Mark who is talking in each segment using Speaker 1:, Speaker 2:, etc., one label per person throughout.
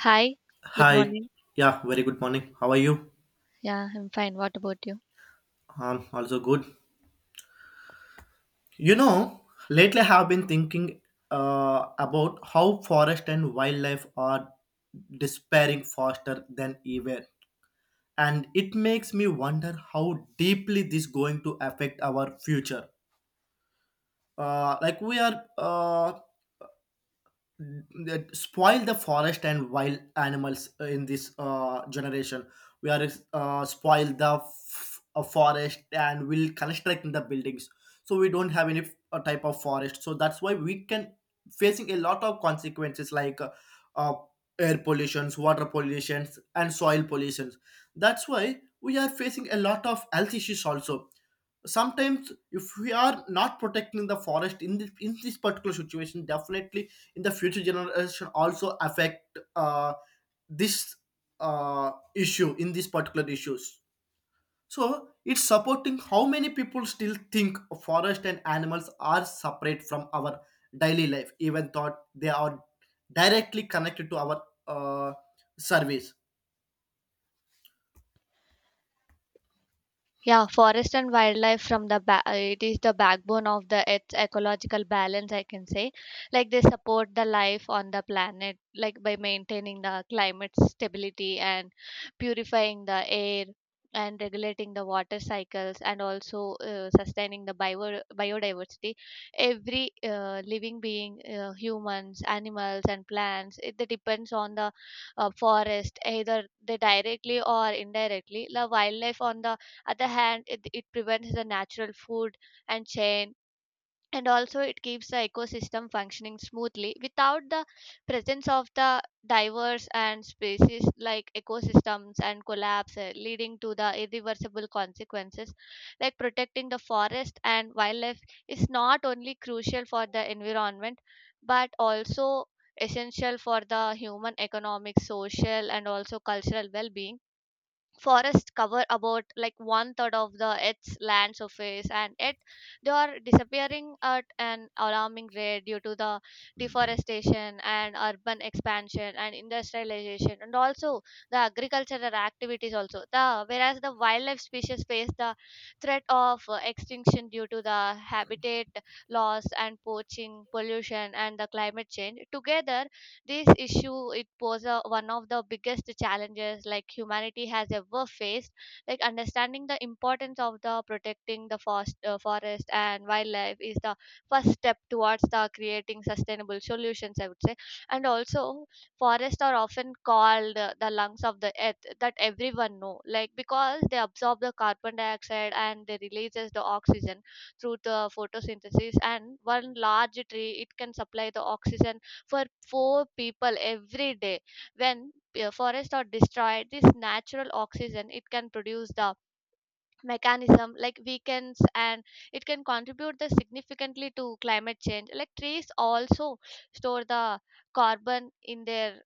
Speaker 1: Hi, good
Speaker 2: Hi.
Speaker 1: morning.
Speaker 2: Yeah, very good morning. How are you?
Speaker 1: Yeah, I'm fine. What about you?
Speaker 2: I'm also good. You know, Lately I have been thinking about how forest and wildlife are despairing faster than ever. And it makes me wonder how deeply this going to affect our future. Like we are that spoil the forest and wild animals in this generation. We are spoil the forest and will construct in the buildings. So we don't have any type of forest. So that's why we can facing a lot of consequences like uh, air pollutions, water pollutions, and soil pollutions. That's why we are facing a lot of health issues also. Sometimes if we are not protecting the forest in this particular situation, definitely in the future generation also affect this issue in these particular issues. So it's supporting how many people still think forest and animals are separate from our daily life, even though they are directly connected to our service.
Speaker 1: Yeah, forest and wildlife from the it is the backbone of the Earth's ecological balance, I can say. Like, they support the life on the planet, like by maintaining the climate stability and purifying the air and regulating the water cycles and also sustaining the biodiversity. Every living being, humans, animals, and plants, it they depends on the forest, either they directly or indirectly. The wildlife on the other hand it prevents the natural food and chain and also it keeps the ecosystem functioning smoothly without the presence of the diverse and species like ecosystems and collapse leading to the irreversible consequences. Like protecting the forest and wildlife is not only crucial for the environment but also essential for the human economic social and also cultural well-being. Forests cover about like one third of the earth's land surface, and yet they are disappearing at an alarming rate due to the deforestation and urban expansion and industrialization and also the agricultural activities also, the whereas the wildlife species face the threat of extinction due to the habitat loss and poaching pollution and the climate change. Together this issue it was a, one of the biggest challenges like humanity has ever faced. Like understanding the importance of the protecting the forest, forest and wildlife is the first step towards the creating sustainable solutions, I would say. And also, forests are often called the lungs of the earth that everyone know, like because they absorb the carbon dioxide and they releases the oxygen through the photosynthesis, and one large tree it can supply the oxygen for four people every day. When forests are destroyed, this natural oxygen it can produce the mechanism like weekends, and it can contribute the significantly to climate change. Like trees also store the carbon in their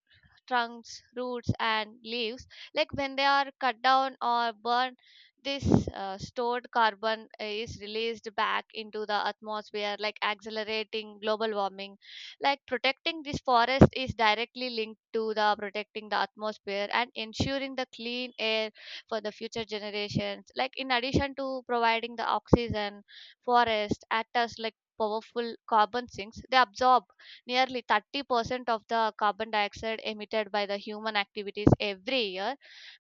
Speaker 1: trunks roots and leaves, like when they are cut down or burned this stored carbon is released back into the atmosphere, like accelerating global warming. Like protecting this forest is directly linked to the protecting the atmosphere and ensuring the clean air for the future generations. Like in addition to providing the oxygen, forest act as like powerful carbon sinks. They absorb nearly 30% of the carbon dioxide emitted by the human activities every year.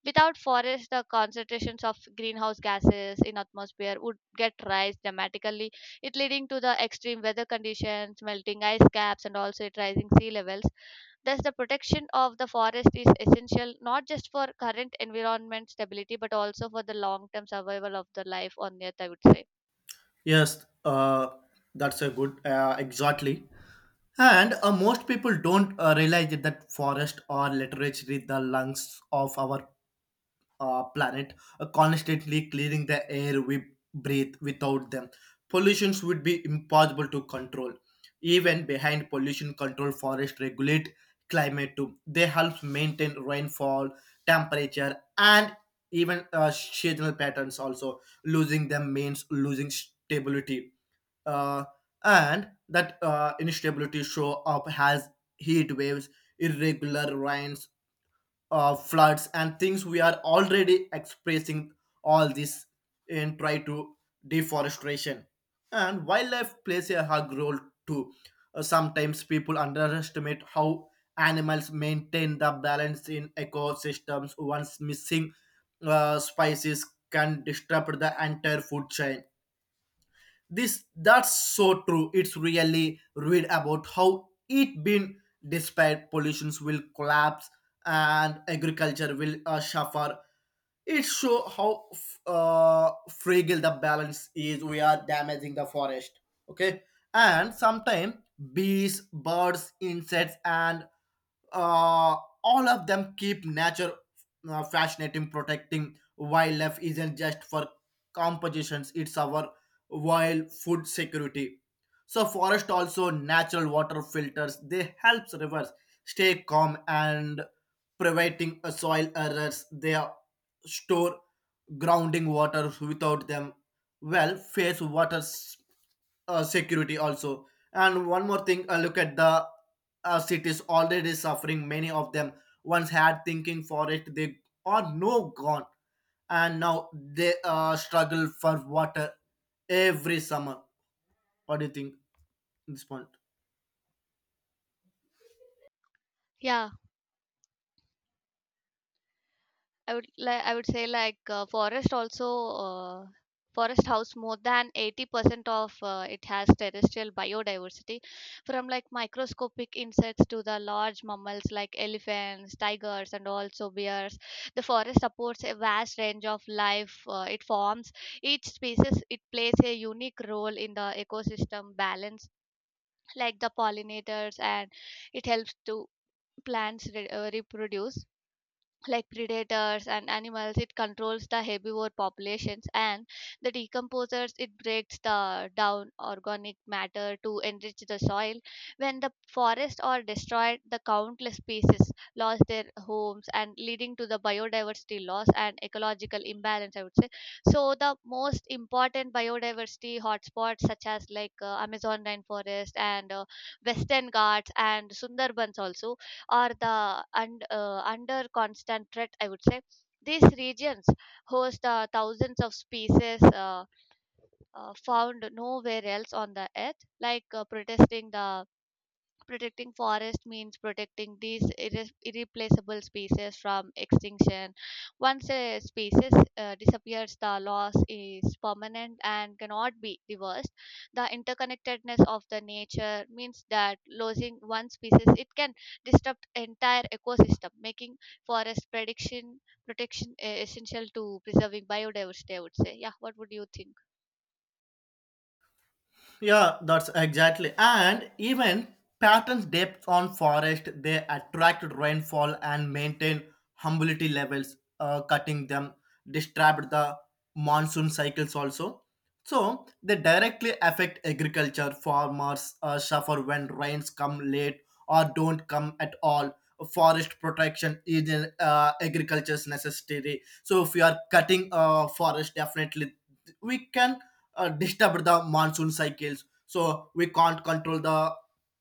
Speaker 1: Without forests, the concentrations of greenhouse gases in atmosphere would get rise dramatically, it leading to the extreme weather conditions melting ice caps and also it rising sea levels. Thus, the protection of the forest is essential not just for current environment stability but also for the long term survival of the life on Earth, I would say.
Speaker 2: Yes, that's a good, exactly. And most people don't realize it that forest or literature is the lungs of our planet, constantly clearing the air we breathe. Without them, pollutions would be impossible to control. Even behind pollution control, forests regulate climate too. They help maintain rainfall, temperature, and even seasonal patterns. Also, losing them means losing stability, uh, and that instability show up has heat waves, irregular rains, floods, and things we are already expressing all this in try to deforestation. And wildlife plays a hug role too. Sometimes people underestimate how animals maintain the balance in ecosystems. Once missing spices can disrupt the entire food chain. This that's so true, it's really read about how it been, despite pollutions will collapse and agriculture will suffer. It show how fragile the balance is. We are damaging the forest. Okay. And sometimes bees, birds, insects, and uh, all of them keep nature fascinating. Protecting wildlife isn't just for compositions, it's our wild food security. So forest also natural water filters, they helps rivers stay calm and preventing soil errors, store grounding water without them. Well face water security also. And one more thing, look at the cities already suffering. Many of them once had thinking for it, they are no gone, and now they struggle for water every summer. What do you think in this point?
Speaker 1: Yeah, I would say like forest also, uh, forest house more than 80% of it has terrestrial biodiversity, from like microscopic insects to the large mammals like elephants tigers and also bears. The forest supports a vast range of life, it forms. Each species it plays a unique role in the ecosystem balance, like the pollinators and it helps to plants reproduce, like predators and animals it controls the herbivore populations, and the decomposers it breaks the down organic matter to enrich the soil. When the forests are destroyed the countless species lost their homes and leading to the biodiversity loss and ecological imbalance, I would say. So the most important biodiversity hotspots such as like Amazon rainforest and Western Ghats and Sundarbans also, or the and under constant threat, I would say. These regions host thousands of species, found nowhere else on the earth, like protesting the protecting forest means protecting these irreplaceable species from extinction. Once a species disappears, the loss is permanent and cannot be reversed. The interconnectedness of the nature means that losing one species it can disrupt entire ecosystem, making forest prediction protection essential to preserving biodiversity, I would say. Yeah. What would you think?
Speaker 2: Yeah, that's exactly. And even patterns depth on forest, they attract rainfall and maintain humidity levels, cutting them, disturb the monsoon cycles also. So they directly affect agriculture. Farmers suffer when rains come late or don't come at all. Forest protection is an agriculture's necessary. So if you are cutting forest, definitely we can disturb the monsoon cycles, so we can't control the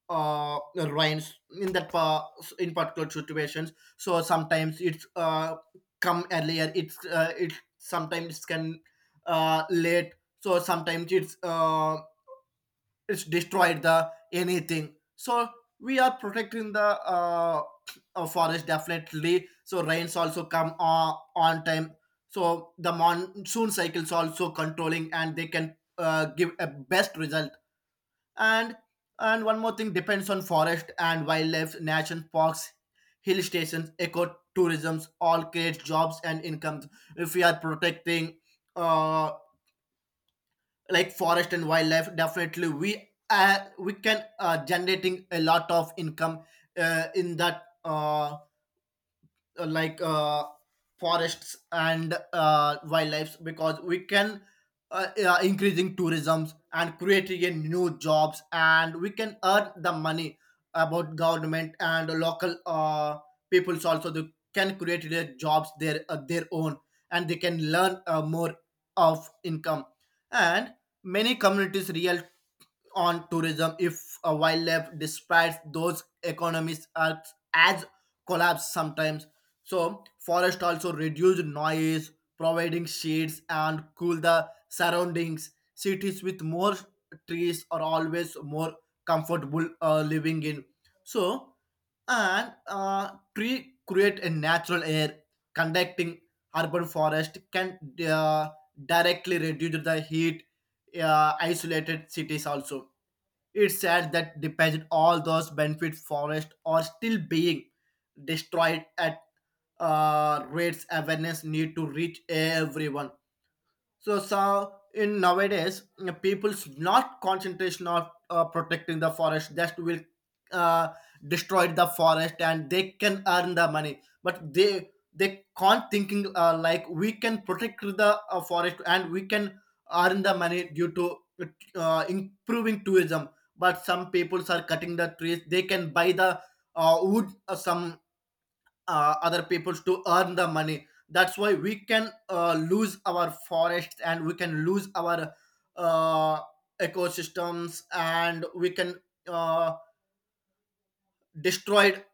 Speaker 2: rains in that pa- in particular situations. So sometimes it's come earlier, it sometimes can late. So sometimes it's destroyed the anything. So we are protecting the uh, forest definitely, so rains also come on time. So the monsoon cycles also controlling and they can give a best result. And and one more thing, depends on forest and wildlife, national parks, hill stations, ecotourisms all create jobs and incomes. If we are protecting uh, like forest and wildlife, definitely we can generating a lot of income in that like forests and wildlife. Because we can increasing tourism and creating a new jobs, and we can earn the money about government and local peoples also. They can create their jobs, their own. And they can learn more of income. And many communities real on tourism, if a wildlife despite those economies are as collapse sometimes. So forest also reduced noise, providing shades and cool the surroundings. Cities with more trees are always more comfortable living in. So and tree create a natural air. Conducting urban forest can uh, directly reduce the heat. Isolated cities also. It's sad that depends all those benefit forests are still being destroyed at rates. Awareness need to reach everyone. So in nowadays, people's not concentration of protecting the forest. Just will uh, destroy the forest and they can earn the money, but they can't thinking like we can protect the forest and we can earn the money due to improving tourism. But some peoples are cutting the trees. They can buy the wood. Some other people to earn the money, that's why we can lose our forests and we can lose our uh, ecosystems, and we can uh, destroyed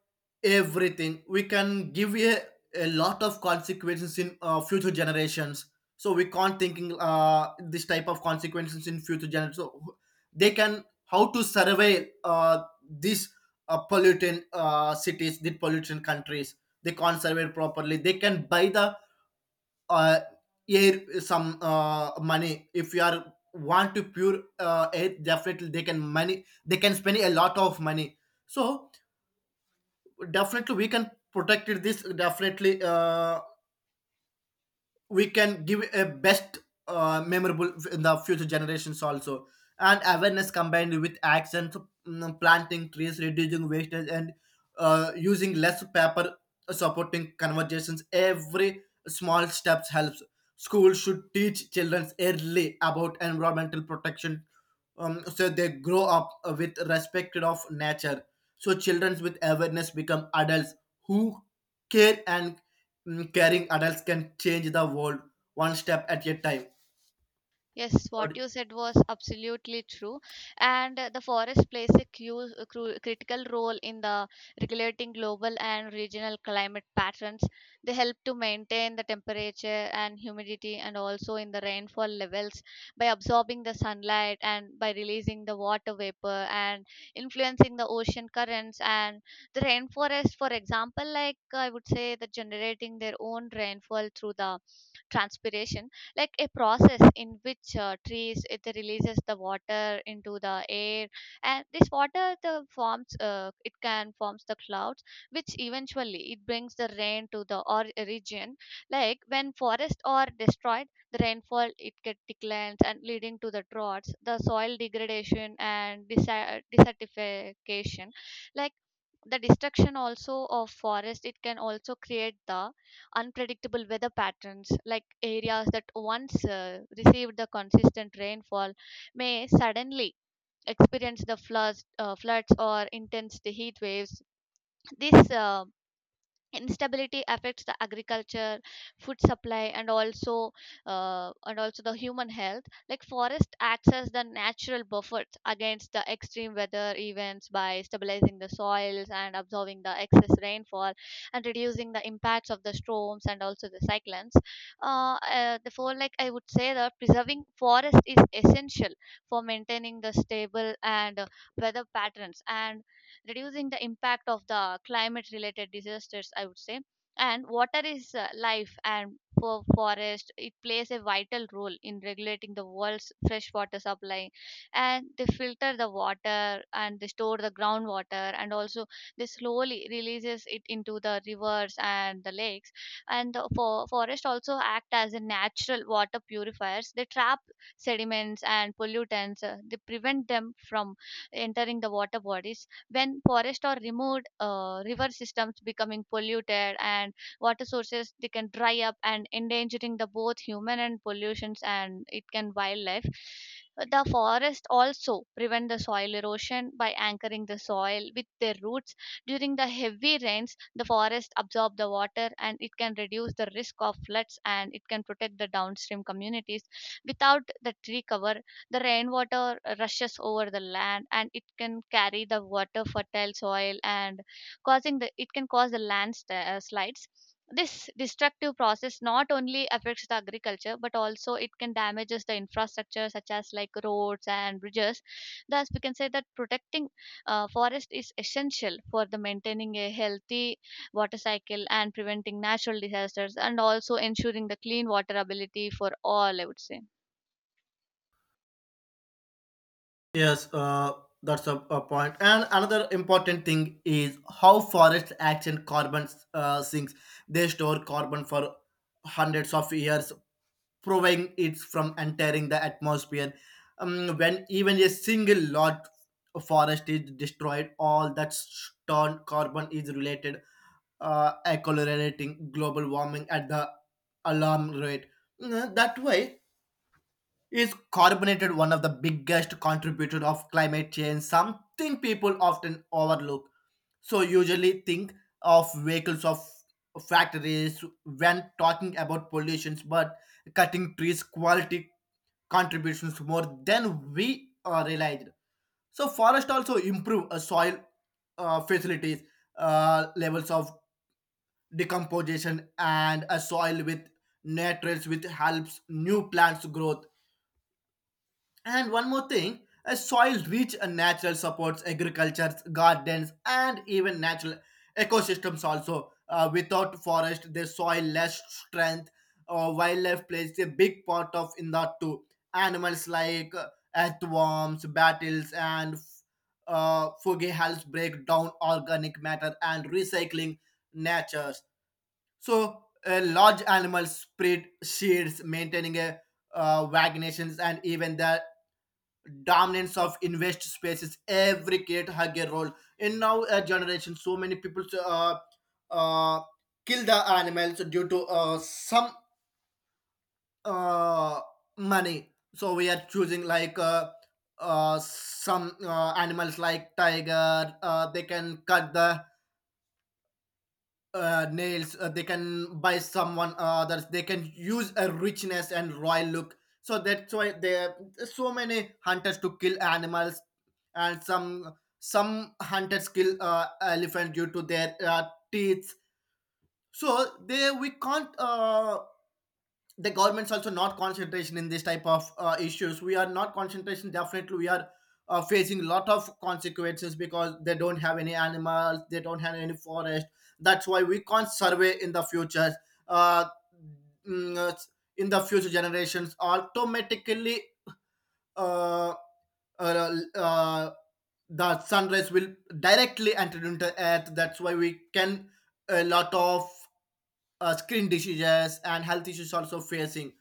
Speaker 2: everything. We can give a lot of consequences in future generations. So we can't thinking this type of consequences in future generations. So they can how to survey these pollutant cities, the pollutant countries. They can't survey properly, they can buy the uh, air, some money. If you are want to pure air, definitely they can money, they can spend a lot of money. So definitely we can protect it, this definitely we can give a best memorable in the future generations also. And awareness combined with actions. Planting trees, reducing wastage and using less paper, supporting conversations. Every small steps helps. Schools should teach children early about environmental protection, so they grow up with respect of nature. So children with awareness become adults who care, and caring adults can change the world one step at a time.
Speaker 1: Yes,
Speaker 2: But
Speaker 1: what you said was absolutely true. And the forest plays a critical role in the regulating global and regional climate patterns. They help to maintain the temperature and humidity and also in the rainfall levels by absorbing the sunlight and by releasing the water vapor and influencing the ocean currents, and the rainforest, for example, like I would say that generating their own rainfall through the transpiration, like a process in which trees it releases the water into the air, and this water the forms, it can forms the clouds which eventually it brings the rain to the or region. Like when forests are destroyed the rainfall it get declines and leading to the droughts the soil degradation and desertification. Like the destruction also of forest it can also create the unpredictable weather patterns, like areas that once received the consistent rainfall may suddenly experience the floods, floods or intense heat waves. This instability affects the agriculture food supply and also the human health. Like forest acts as the natural buffers against the extreme weather events by stabilizing the soils and absorbing the excess rainfall and reducing the impacts of the storms and also the cyclones. Therefore, like I would say that preserving forest is essential for maintaining the stable and weather patterns and reducing the impact of the climate related disasters, I would say. And water is life, and for forest it plays a vital role in regulating the world's freshwater supply. And they filter the water and they store the groundwater and also they slowly releases it into the rivers and the lakes, and the forest also act as a natural water purifiers. They trap sediments and pollutants, they prevent them from entering the water bodies. When forests are removed, river systems becoming polluted and water sources they can dry up, and endangering the both human and pollutions and it can wildlife. The forest also prevent the soil erosion by anchoring the soil with their roots. During the heavy rains the forest absorb the water and it can reduce the risk of floods, and it can protect the downstream communities. Without the tree cover the rainwater rushes over the land, and it can carry the water, fertile soil, and causing the it can cause the land slides. This destructive process not only affects the agriculture but also it can damages the infrastructure such as like roads and bridges. Thus, we can say that protecting forest is essential for the maintaining a healthy water cycle and preventing natural disasters and also ensuring the clean water ability for all, I would say.
Speaker 2: yes, that's a point. And another important thing is how forests act in carbon sinks. They store carbon for hundreds of years, proving it from entering the atmosphere. When even a single lot of forest is destroyed, all that stored carbon is related, accelerating global warming at the alarm rate. That way, is carbonated one of the biggest contributor of climate change, something people often overlook. So usually think of vehicles of factories when talking about pollutions, but cutting trees quality contributions more than we realized. So forest also improve soil facilities, levels of decomposition and a soil with nutrients which helps new plants growth. And one more thing, a soil rich and natural supports agriculture, gardens, and even natural ecosystems also. Without forest, the soil less strength. Wildlife plays a big part of in that too. Animals like earthworms, battles, and foggy helps break down organic matter and recycling natures. So, large animals spread seeds, maintaining a vaginations and even the dominance of invest spaces. Every kid had a role in now a generation, so many people uh, kill the animals due to some uh, money. So we are choosing like some animals like tiger, they can cut the nails, they can buy someone, others they can use a richness and royal look, so that's why there are so many hunters to kill animals. And some hunters kill elephant due to their teeth. So they we can't the government's also not concentration in this type of issues. We are not concentration, definitely we are facing a lot of consequences, because they don't have any animals, they don't have any forest. That's why we can't survey in the future, uh, mm, uh, in the future generations automatically. uh, uh, uh, the sunrise will directly enter into earth, that's why we can a lot of skin diseases and health issues also facing.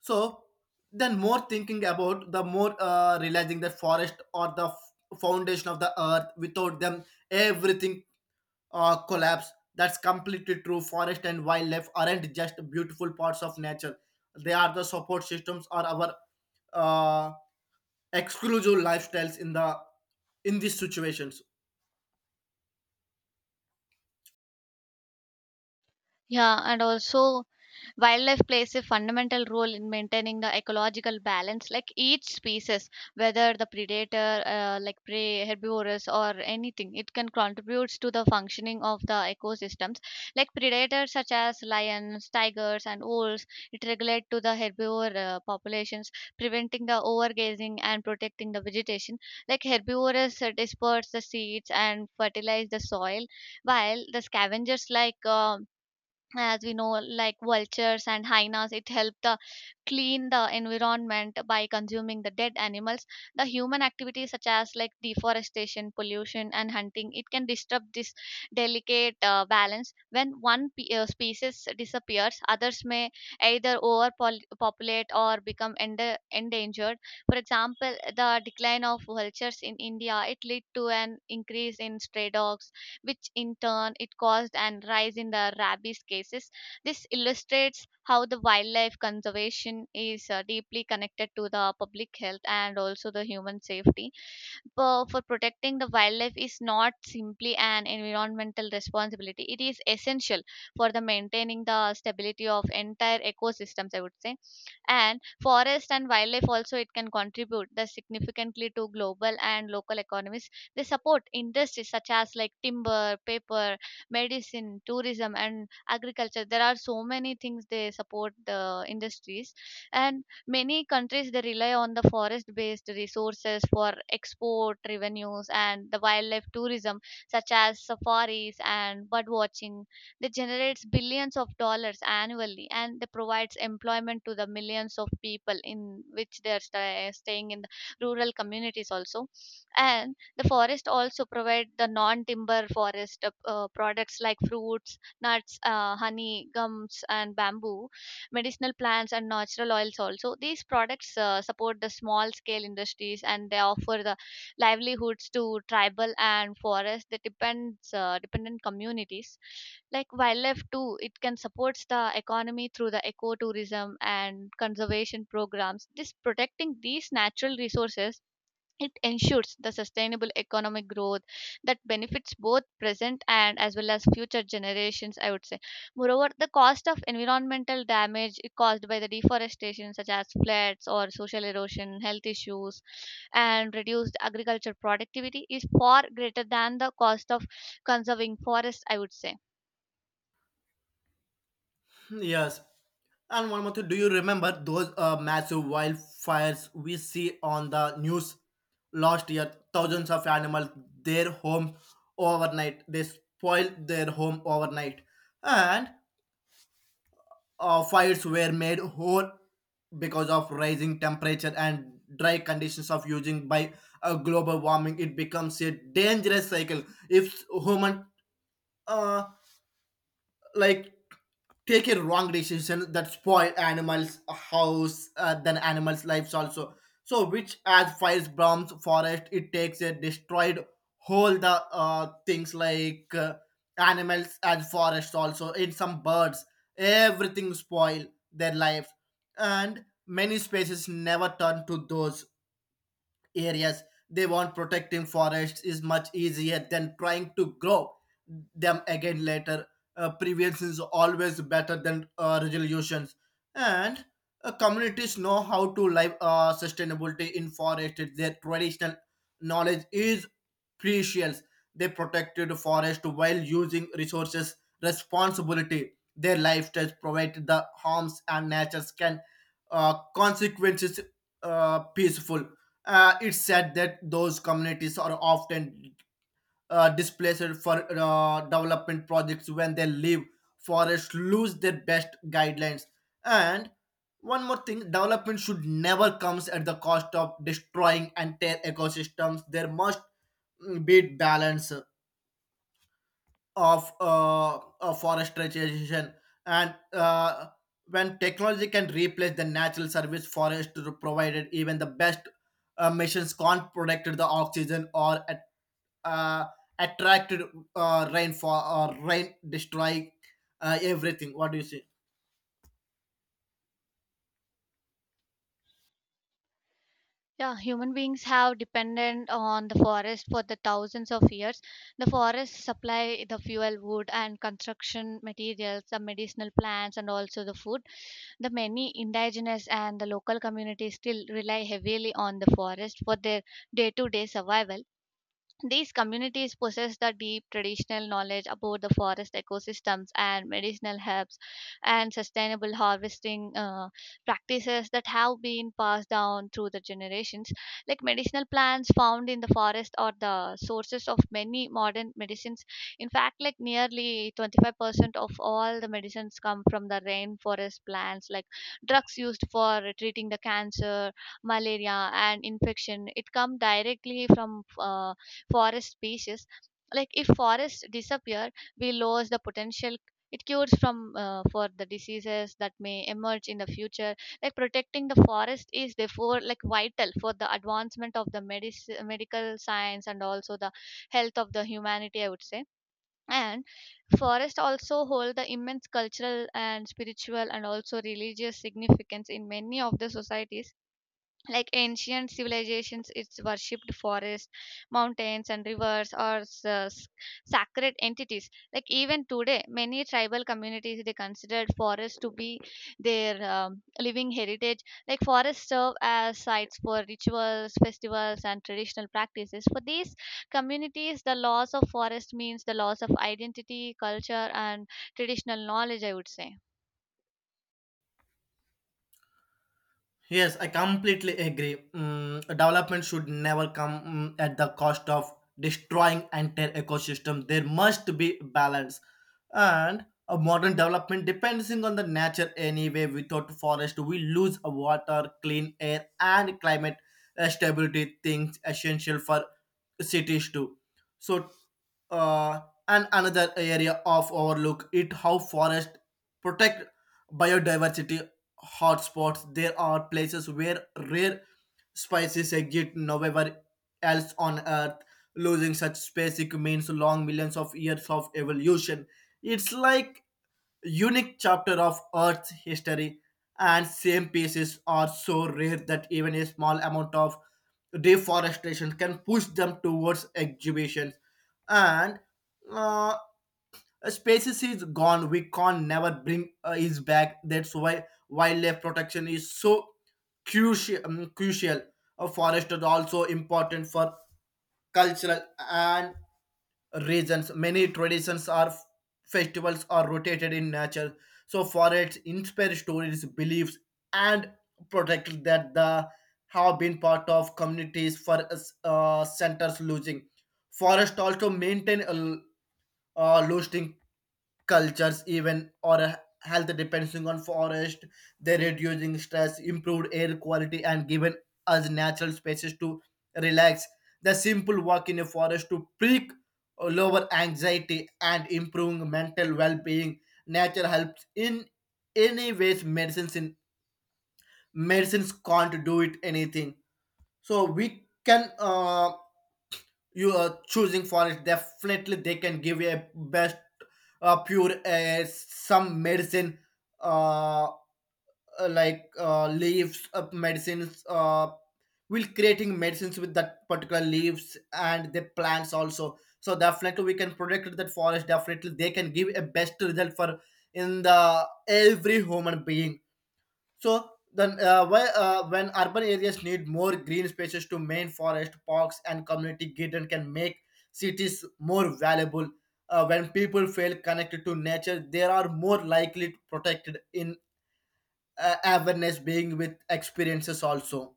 Speaker 2: So then more thinking about the more realizing that forest or the foundation of the earth, without them everything collapse. That's completely true, forest and wildlife aren't just beautiful parts of nature, they are the support systems or our uh, exclusive lifestyles in these situations.
Speaker 1: Yeah, and also wildlife plays a fundamental role in maintaining the ecological balance. Like each species, whether the predator, like prey, herbivorous, or anything, it can contributes to the functioning of the ecosystems. Like predators such as lions, tigers, and wolves, it regulate to the herbivore populations, preventing the overgrazing and protecting the vegetation. Like herbivorous disperse the seeds and fertilize the soil, while the scavengers like as we know like vultures and hyenas it helped clean the environment by consuming the dead animals. The human activities such as like deforestation pollution and hunting it can disturb this delicate balance. When one species disappears others may either overpopulate or become endangered. For example, the decline of vultures in India it led to an increase in stray dogs, which in turn it caused an rise in the rabies cases. This illustrates how the wildlife conservation is deeply connected to the public health and also the human safety. For protecting the wildlife is not simply an environmental responsibility, it is essential for the maintaining the stability of entire ecosystems, I would say. And forest and wildlife also it can contribute the significantly to global and local economies. They support industries such as like timber paper medicine tourism and agriculture. There are so many things they support the industries. And many countries they rely on the forest-based resources for export revenues and the wildlife tourism, such as safaris and bird watching, that generates billions of dollars annually, and they provides employment to the millions of people in which they are staying in the rural communities also. And the forest also provide the non-timber forest products like fruits, nuts, honey, gums, and bamboo, medicinal plants and natural oils also. These products support the small scale industries, and they offer the livelihoods to tribal and forest that depends dependent communities. Like wildlife too it can supports the economy through the ecotourism and conservation programs. This protecting these natural resources it ensures the sustainable economic growth that benefits both present and as well as future generations, I would say. Moreover, the cost of environmental damage caused by the deforestation, such as floods or social erosion health issues and reduced agriculture productivity, is far greater than the cost of conserving forests, I would say.
Speaker 2: Hmm, yes. And one more thing, do you remember those massive wildfires we see on the news last year? Thousands of animals, their home overnight. They spoiled their home overnight. And fires were made whole because of rising temperature and dry conditions of using by global warming. It becomes a dangerous cycle. If human, uh, like take a wrong decision that spoil animals house then animals lives also, so which as fires burns forest, it takes a destroyed whole the things like animals as forest also in some birds, everything spoil their lives, and many species never turn to those areas. They want protecting forests is much easier than trying to grow them again later. Prevention is always better than resolutions. And communities know how to live sustainability in forest. Their traditional knowledge is precious. They protected the forest while using resources responsibility. Their lifestyles provide the harms and natures can consequences, peaceful. It's said that those communities are often displaced for development projects. When they leave, forests lose their best guidelines. And one more thing, development should never comes at the cost of destroying entire ecosystems. There must be balance of forestation, and when technology can replace the natural service forest provided. Even the best machines can't protect the oxygen or at, uh, attracted rainfall or rain destroy everything. What do you say?
Speaker 1: Yeah, human beings have depended on the forest for the thousands of years. The forests supply the fuel, wood, and construction materials, the medicinal plants, and also the food. The many indigenous and the local communities still rely heavily on the forest for their day to day survival. These communities possess the deep traditional knowledge about the forest ecosystems and medicinal herbs and sustainable harvesting practices that have been passed down through the generations. Like medicinal plants found in the forest are the sources of many modern medicines. In fact, like nearly 25% of all the medicines come from the rainforest plants, like drugs used for treating the cancer, malaria, and infection. It comes directly from forest species. Like if forests disappear we lose the potential it cures from for the diseases that may emerge in the future. Like protecting the forest is therefore like vital for the advancement of the medical science and also the health of the humanity, I would say. And forests also hold the immense cultural and spiritual and also religious significance in many of the societies. Like ancient civilizations it's worshipped forests mountains and rivers or sacred entities. Like even today many tribal communities they considered forests to be their living heritage. Like forests serve as sites for rituals festivals and traditional practices. For these communities the loss of forest means the loss of identity culture and traditional knowledge, I would say.
Speaker 2: Yes, I completely agree. Development should never come at the cost of destroying entire ecosystem. There must be balance, and a modern development depending on the nature anyway. Without forest, we lose water, clean air, and climate stability. Things essential for cities too. So, uh, and another area of overlook it how forest protect biodiversity hotspots. There are places where rare species exist nowhere else on Earth. Losing such species means long millions of years of evolution. It's like unique chapter of Earth's history, and same pieces are so rare that even a small amount of deforestation can push them towards exhibitions. And uh, a species is gone; we can't never bring is back. That's why wildlife protection is so crucial. A forest is also important for cultural and regions. Many traditions or festivals are rotated in nature, so forests inspire stories, beliefs, and protects that the have been part of communities for us, centers. Losing forest also maintain a losing cultures even, or a health depending on forest. They reducing stress, improved air quality, and given us natural spaces to relax. The simple walk in a forest to peak lower anxiety and improving mental well-being. Nature helps in any ways. Medicines in medicines can't do it anything. So we can you are choosing for it, definitely they can give you a best pure some medicine, uh like leaves medicines will creating medicines with that particular leaves and the plants also. So definitely we can protect that forest. Definitely they can give a best result for in the every human being. So then, why, when urban areas need more green spaces to main forest, parks, and community garden can make cities more valuable. When people feel connected to nature, they are more likely to protected in awareness, being with experiences also.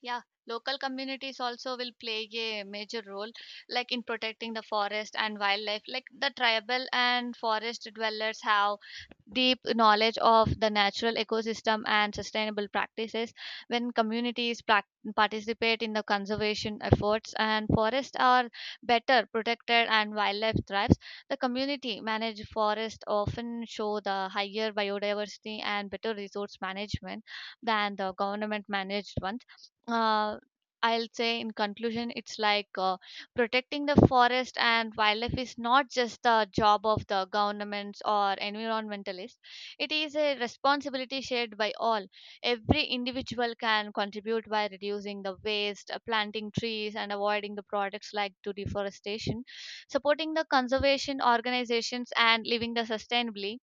Speaker 1: Yeah, local communities also will play a major role, like in protecting the forest and wildlife. Like the tribal and forest dwellers have deep knowledge of the natural ecosystem and sustainable practices. When communities participate in the conservation efforts, and forests are better protected and wildlife thrives, the community managed forests often show the higher biodiversity and better resource management than the government managed ones. uh, I'll say in conclusion, it's like protecting the forest and wildlife is not just the job of the governments or environmentalists. It is a responsibility shared by all. Every individual can contribute by reducing the waste, planting trees, and avoiding the products like to deforestation, supporting the conservation organizations, and living the sustainably.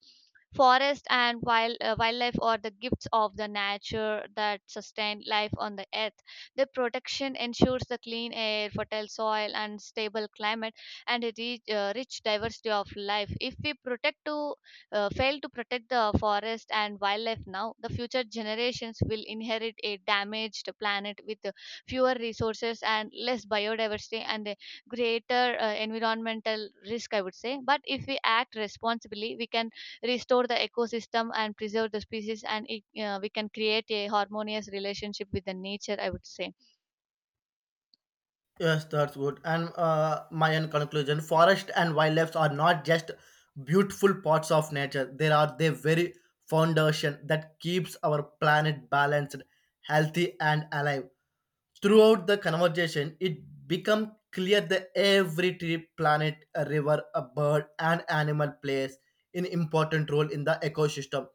Speaker 1: Forest and wildlife are the gifts of the nature that sustain life on the earth. Their protection ensures the clean air, fertile soil, and stable climate, and a rich diversity of life. If we protect to fail to protect the forest and wildlife now, the future generations will inherit a damaged planet with fewer resources and less biodiversity and a greater environmental risk, I would say. But if we act responsibly, we can restore the ecosystem and preserve the species, and we can create a harmonious relationship with the nature, I would say.
Speaker 2: Yes, that's good. And my end conclusion: forest and wildlife are not just beautiful parts of nature. They are the very foundation that keeps our planet balanced, healthy, and alive. Throughout the conversation, it became clear that every tree, planet, a river, a bird, and animal plays an important role in the ecosystem.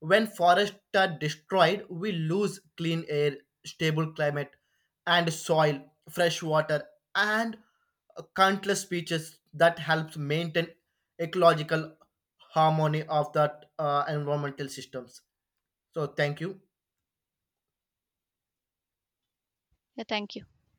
Speaker 2: When forests are destroyed, we lose clean air, stable climate, and soil, fresh water, and countless species that helps maintain ecological harmony of that environmental systems. So thank you.
Speaker 1: Yeah, thank you.